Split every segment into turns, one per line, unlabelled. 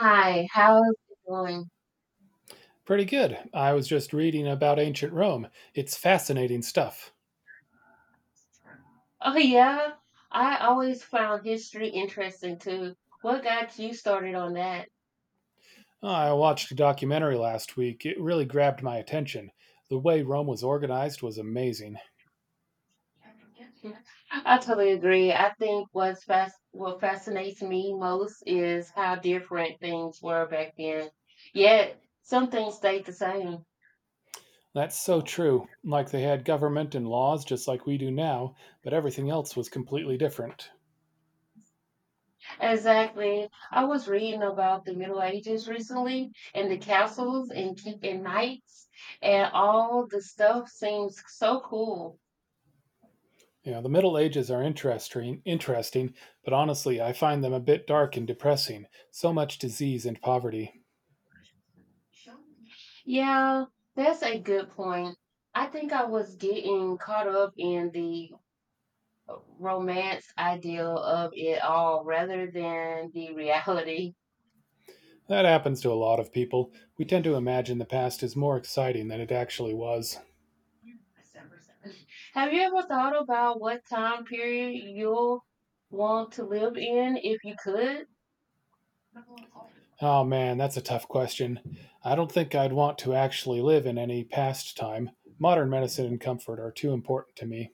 Hi, how is it going?
Pretty good. I was just reading about ancient Rome. It's fascinating stuff.
Oh, yeah. I always found history interesting too. What got you started on that?
I watched a documentary last week. It really grabbed my attention. The way Rome was organized was amazing.
I totally agree. I think what fascinates me most is how different things were back then. Yet some things stayed the same.
That's so true. Like they had government and laws just like we do now, but everything else was completely different.
Exactly. I was reading about the Middle Ages recently and the castles and knights and all the stuff seems so cool.
You know, the Middle Ages are interesting, interesting, but honestly, I find them a bit dark and depressing. So much disease and poverty.
Yeah, that's a good point. I think I was getting caught up in the romance ideal of it all rather than the reality.
That happens to a lot of people. We tend to imagine the past is more exciting than it actually was.
Have you ever thought about what time period you'll want to live in if you could?
Oh man, that's a tough question. I don't think I'd want to actually live in any past time. Modern medicine and comfort are too important to me.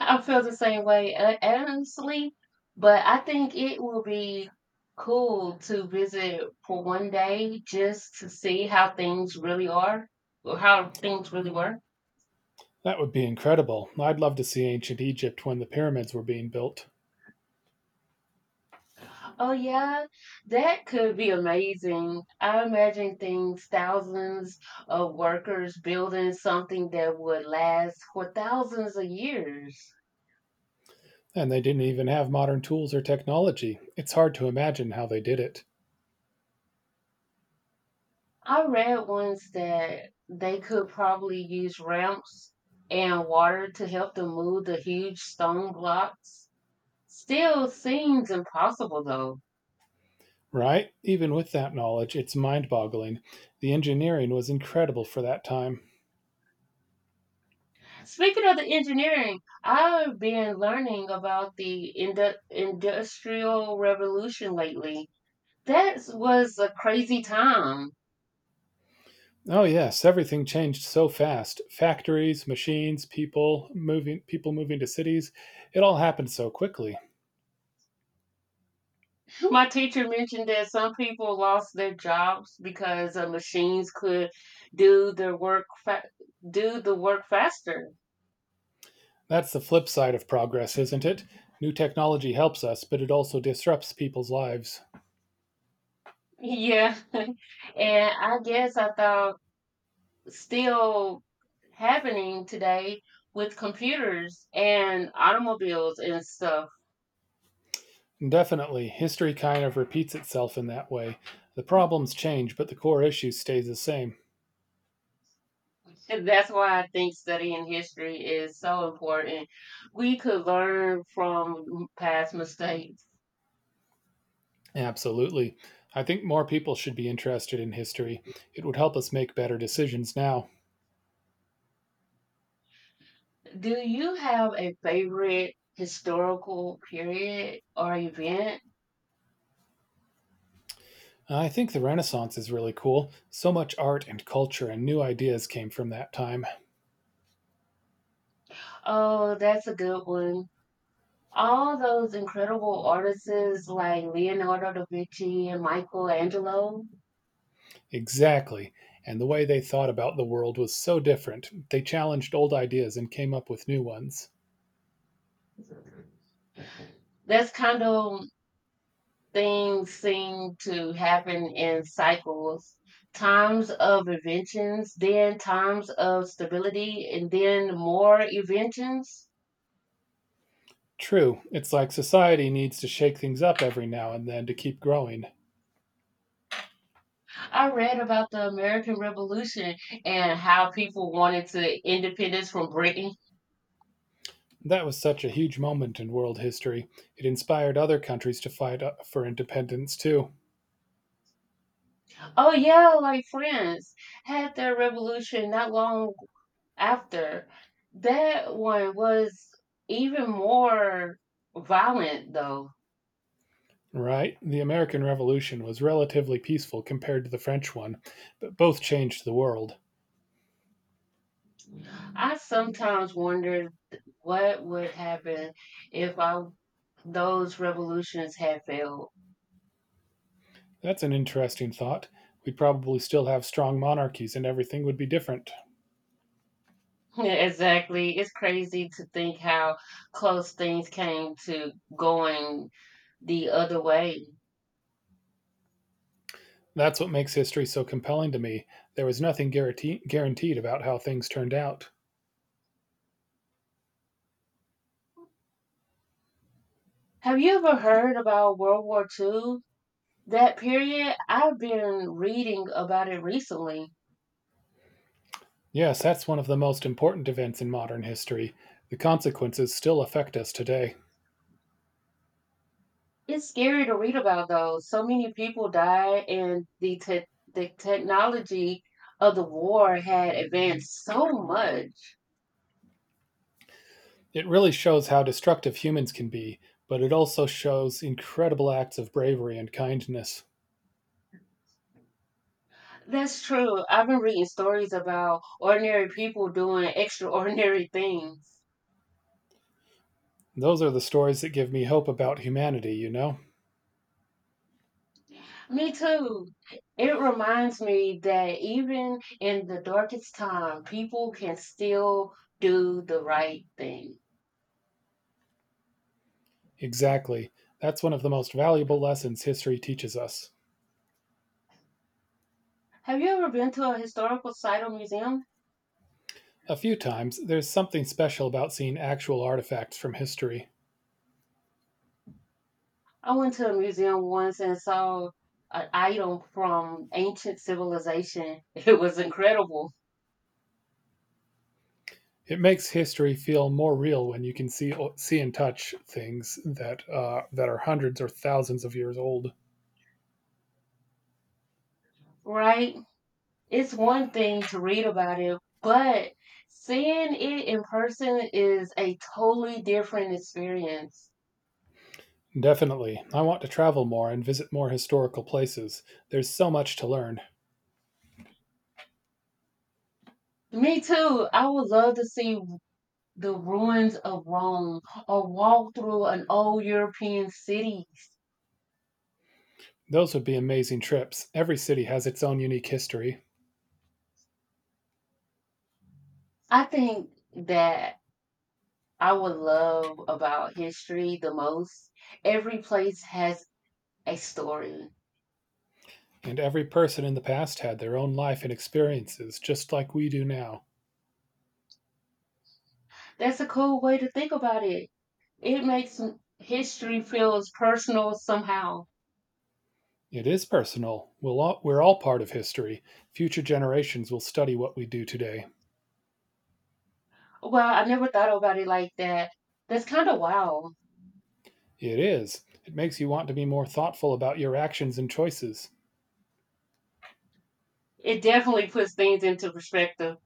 I feel the same way, honestly, but I think it will be cool to visit for one day just to see how things really are or how things really were.
That would be incredible. I'd love to see ancient Egypt when the pyramids were being built.
Oh, yeah, that could be amazing. I imagine things, thousands of workers building something that would last for thousands of years.
And they didn't even have modern tools or technology. It's hard to imagine how they did it.
I read once that they could probably use ramps and water to help them move the huge stone blocks. Still seems impossible though.
Right? Even with that knowledge, it's mind boggling. The engineering was incredible for that time.
Speaking of the engineering, I've been learning about the industrial revolution lately. That was a crazy time.
Oh yes, everything changed so fast. Factories, machines, people moving to cities. It all happened so quickly.
My teacher mentioned that some people lost their jobs because machines could do their work fa- do the work faster.
That's the flip side of progress, isn't it? New technology helps us, but it also disrupts people's lives.
Yeah. And I guess I thought still happening today with computers and automobiles and stuff.
Definitely, history kind of repeats itself in that way. The problems change, but the core issue stays the same.
And that's why I think studying history is so important. We could learn from past mistakes.
Absolutely. I think more people should be interested in history. It would help us make better decisions now.
Do you have a favorite historical period or event?
I think the Renaissance is really cool. So much art and culture and new ideas came from that time.
Oh, that's a good one. All those incredible artists like Leonardo da Vinci and Michelangelo.
Exactly. And the way they thought about the world was so different. They challenged old ideas and came up with new ones.
This kind of things seem to happen in cycles. Times of inventions, then times of stability, and then more inventions.
True, it's like society needs to shake things up every now and then to keep growing.
I read about the American Revolution and how people wanted to independence from Britain.
That was such a huge moment in world history. It inspired other countries to fight for independence, too.
Oh yeah, like France had their revolution not long after. That one was even more violent though.
Right? The American Revolution was relatively peaceful compared to the French one, but both changed the world.
I sometimes wonder what would happen if I, those revolutions had failed.
That's an interesting thought. We'd probably still have strong monarchies and everything would be different.
Exactly. It's crazy to think how close things came to going the other way.
That's what makes history so compelling to me. There was nothing guaranteed about how things turned out.
Have you ever heard about World War Two? That period, I've been reading about it recently.
Yes, that's one of the most important events in modern history. The consequences still affect us today.
It's scary to read about though. So many people died, and the technology of the war had advanced so much.
It really shows how destructive humans can be, but it also shows incredible acts of bravery and kindness.
That's true. I've been reading stories about ordinary people doing extraordinary things.
Those are the stories that give me hope about humanity, you know?
Me too. It reminds me that even in the darkest time, people can still do the right thing.
Exactly. That's one of the most valuable lessons history teaches us.
Have you ever been to a historical site or museum?
A few times, there's something special about seeing actual artifacts from history.
I went to a museum once and saw an item from ancient civilization. It was incredible,
It makes history feel more real when you can see and touch things that that are hundreds or thousands of years old.
right? It's one thing to read about it, but seeing it in person is a totally different experience.
Definitely, I want to travel more and visit more historical places. There's so much to learn.
Me too. I would love to see the ruins of Rome or walk through an old European city.
Those would be amazing trips. Every city has its own unique history,
I think that I would love about history the most. Every place has a story.
and every person in the past had their own life and experiences, just like we do now.
That's a cool way to think about it. It makes history feels personal somehow.
It is personal. We're all part of history. Future generations will study what we do today.
Well, I never thought about it like that. That's kind of wild.
It is. It makes you want to be more thoughtful about your actions and choices.
It definitely puts things into perspective.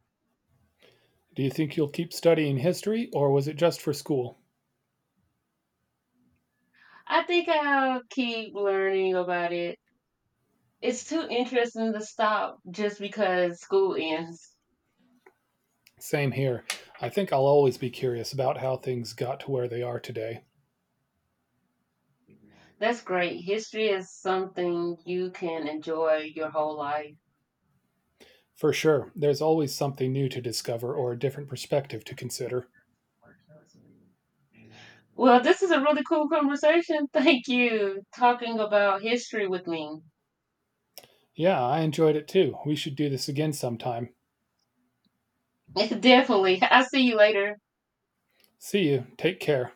Do you think you'll keep studying history, or was it just for school?
I think I'll keep learning about it. It's too interesting to stop just because school ends.
Same here. I think I'll always be curious about how things got to where they are today.
That's great. History is something you can enjoy your whole life.
For sure, there's always something new to discover or a different perspective to consider.
Well, this is a really cool conversation. Thank you talking about history with me.
Yeah, I enjoyed it too. We should do this again sometime.
Definitely. I'll see you later.
See you. Take care.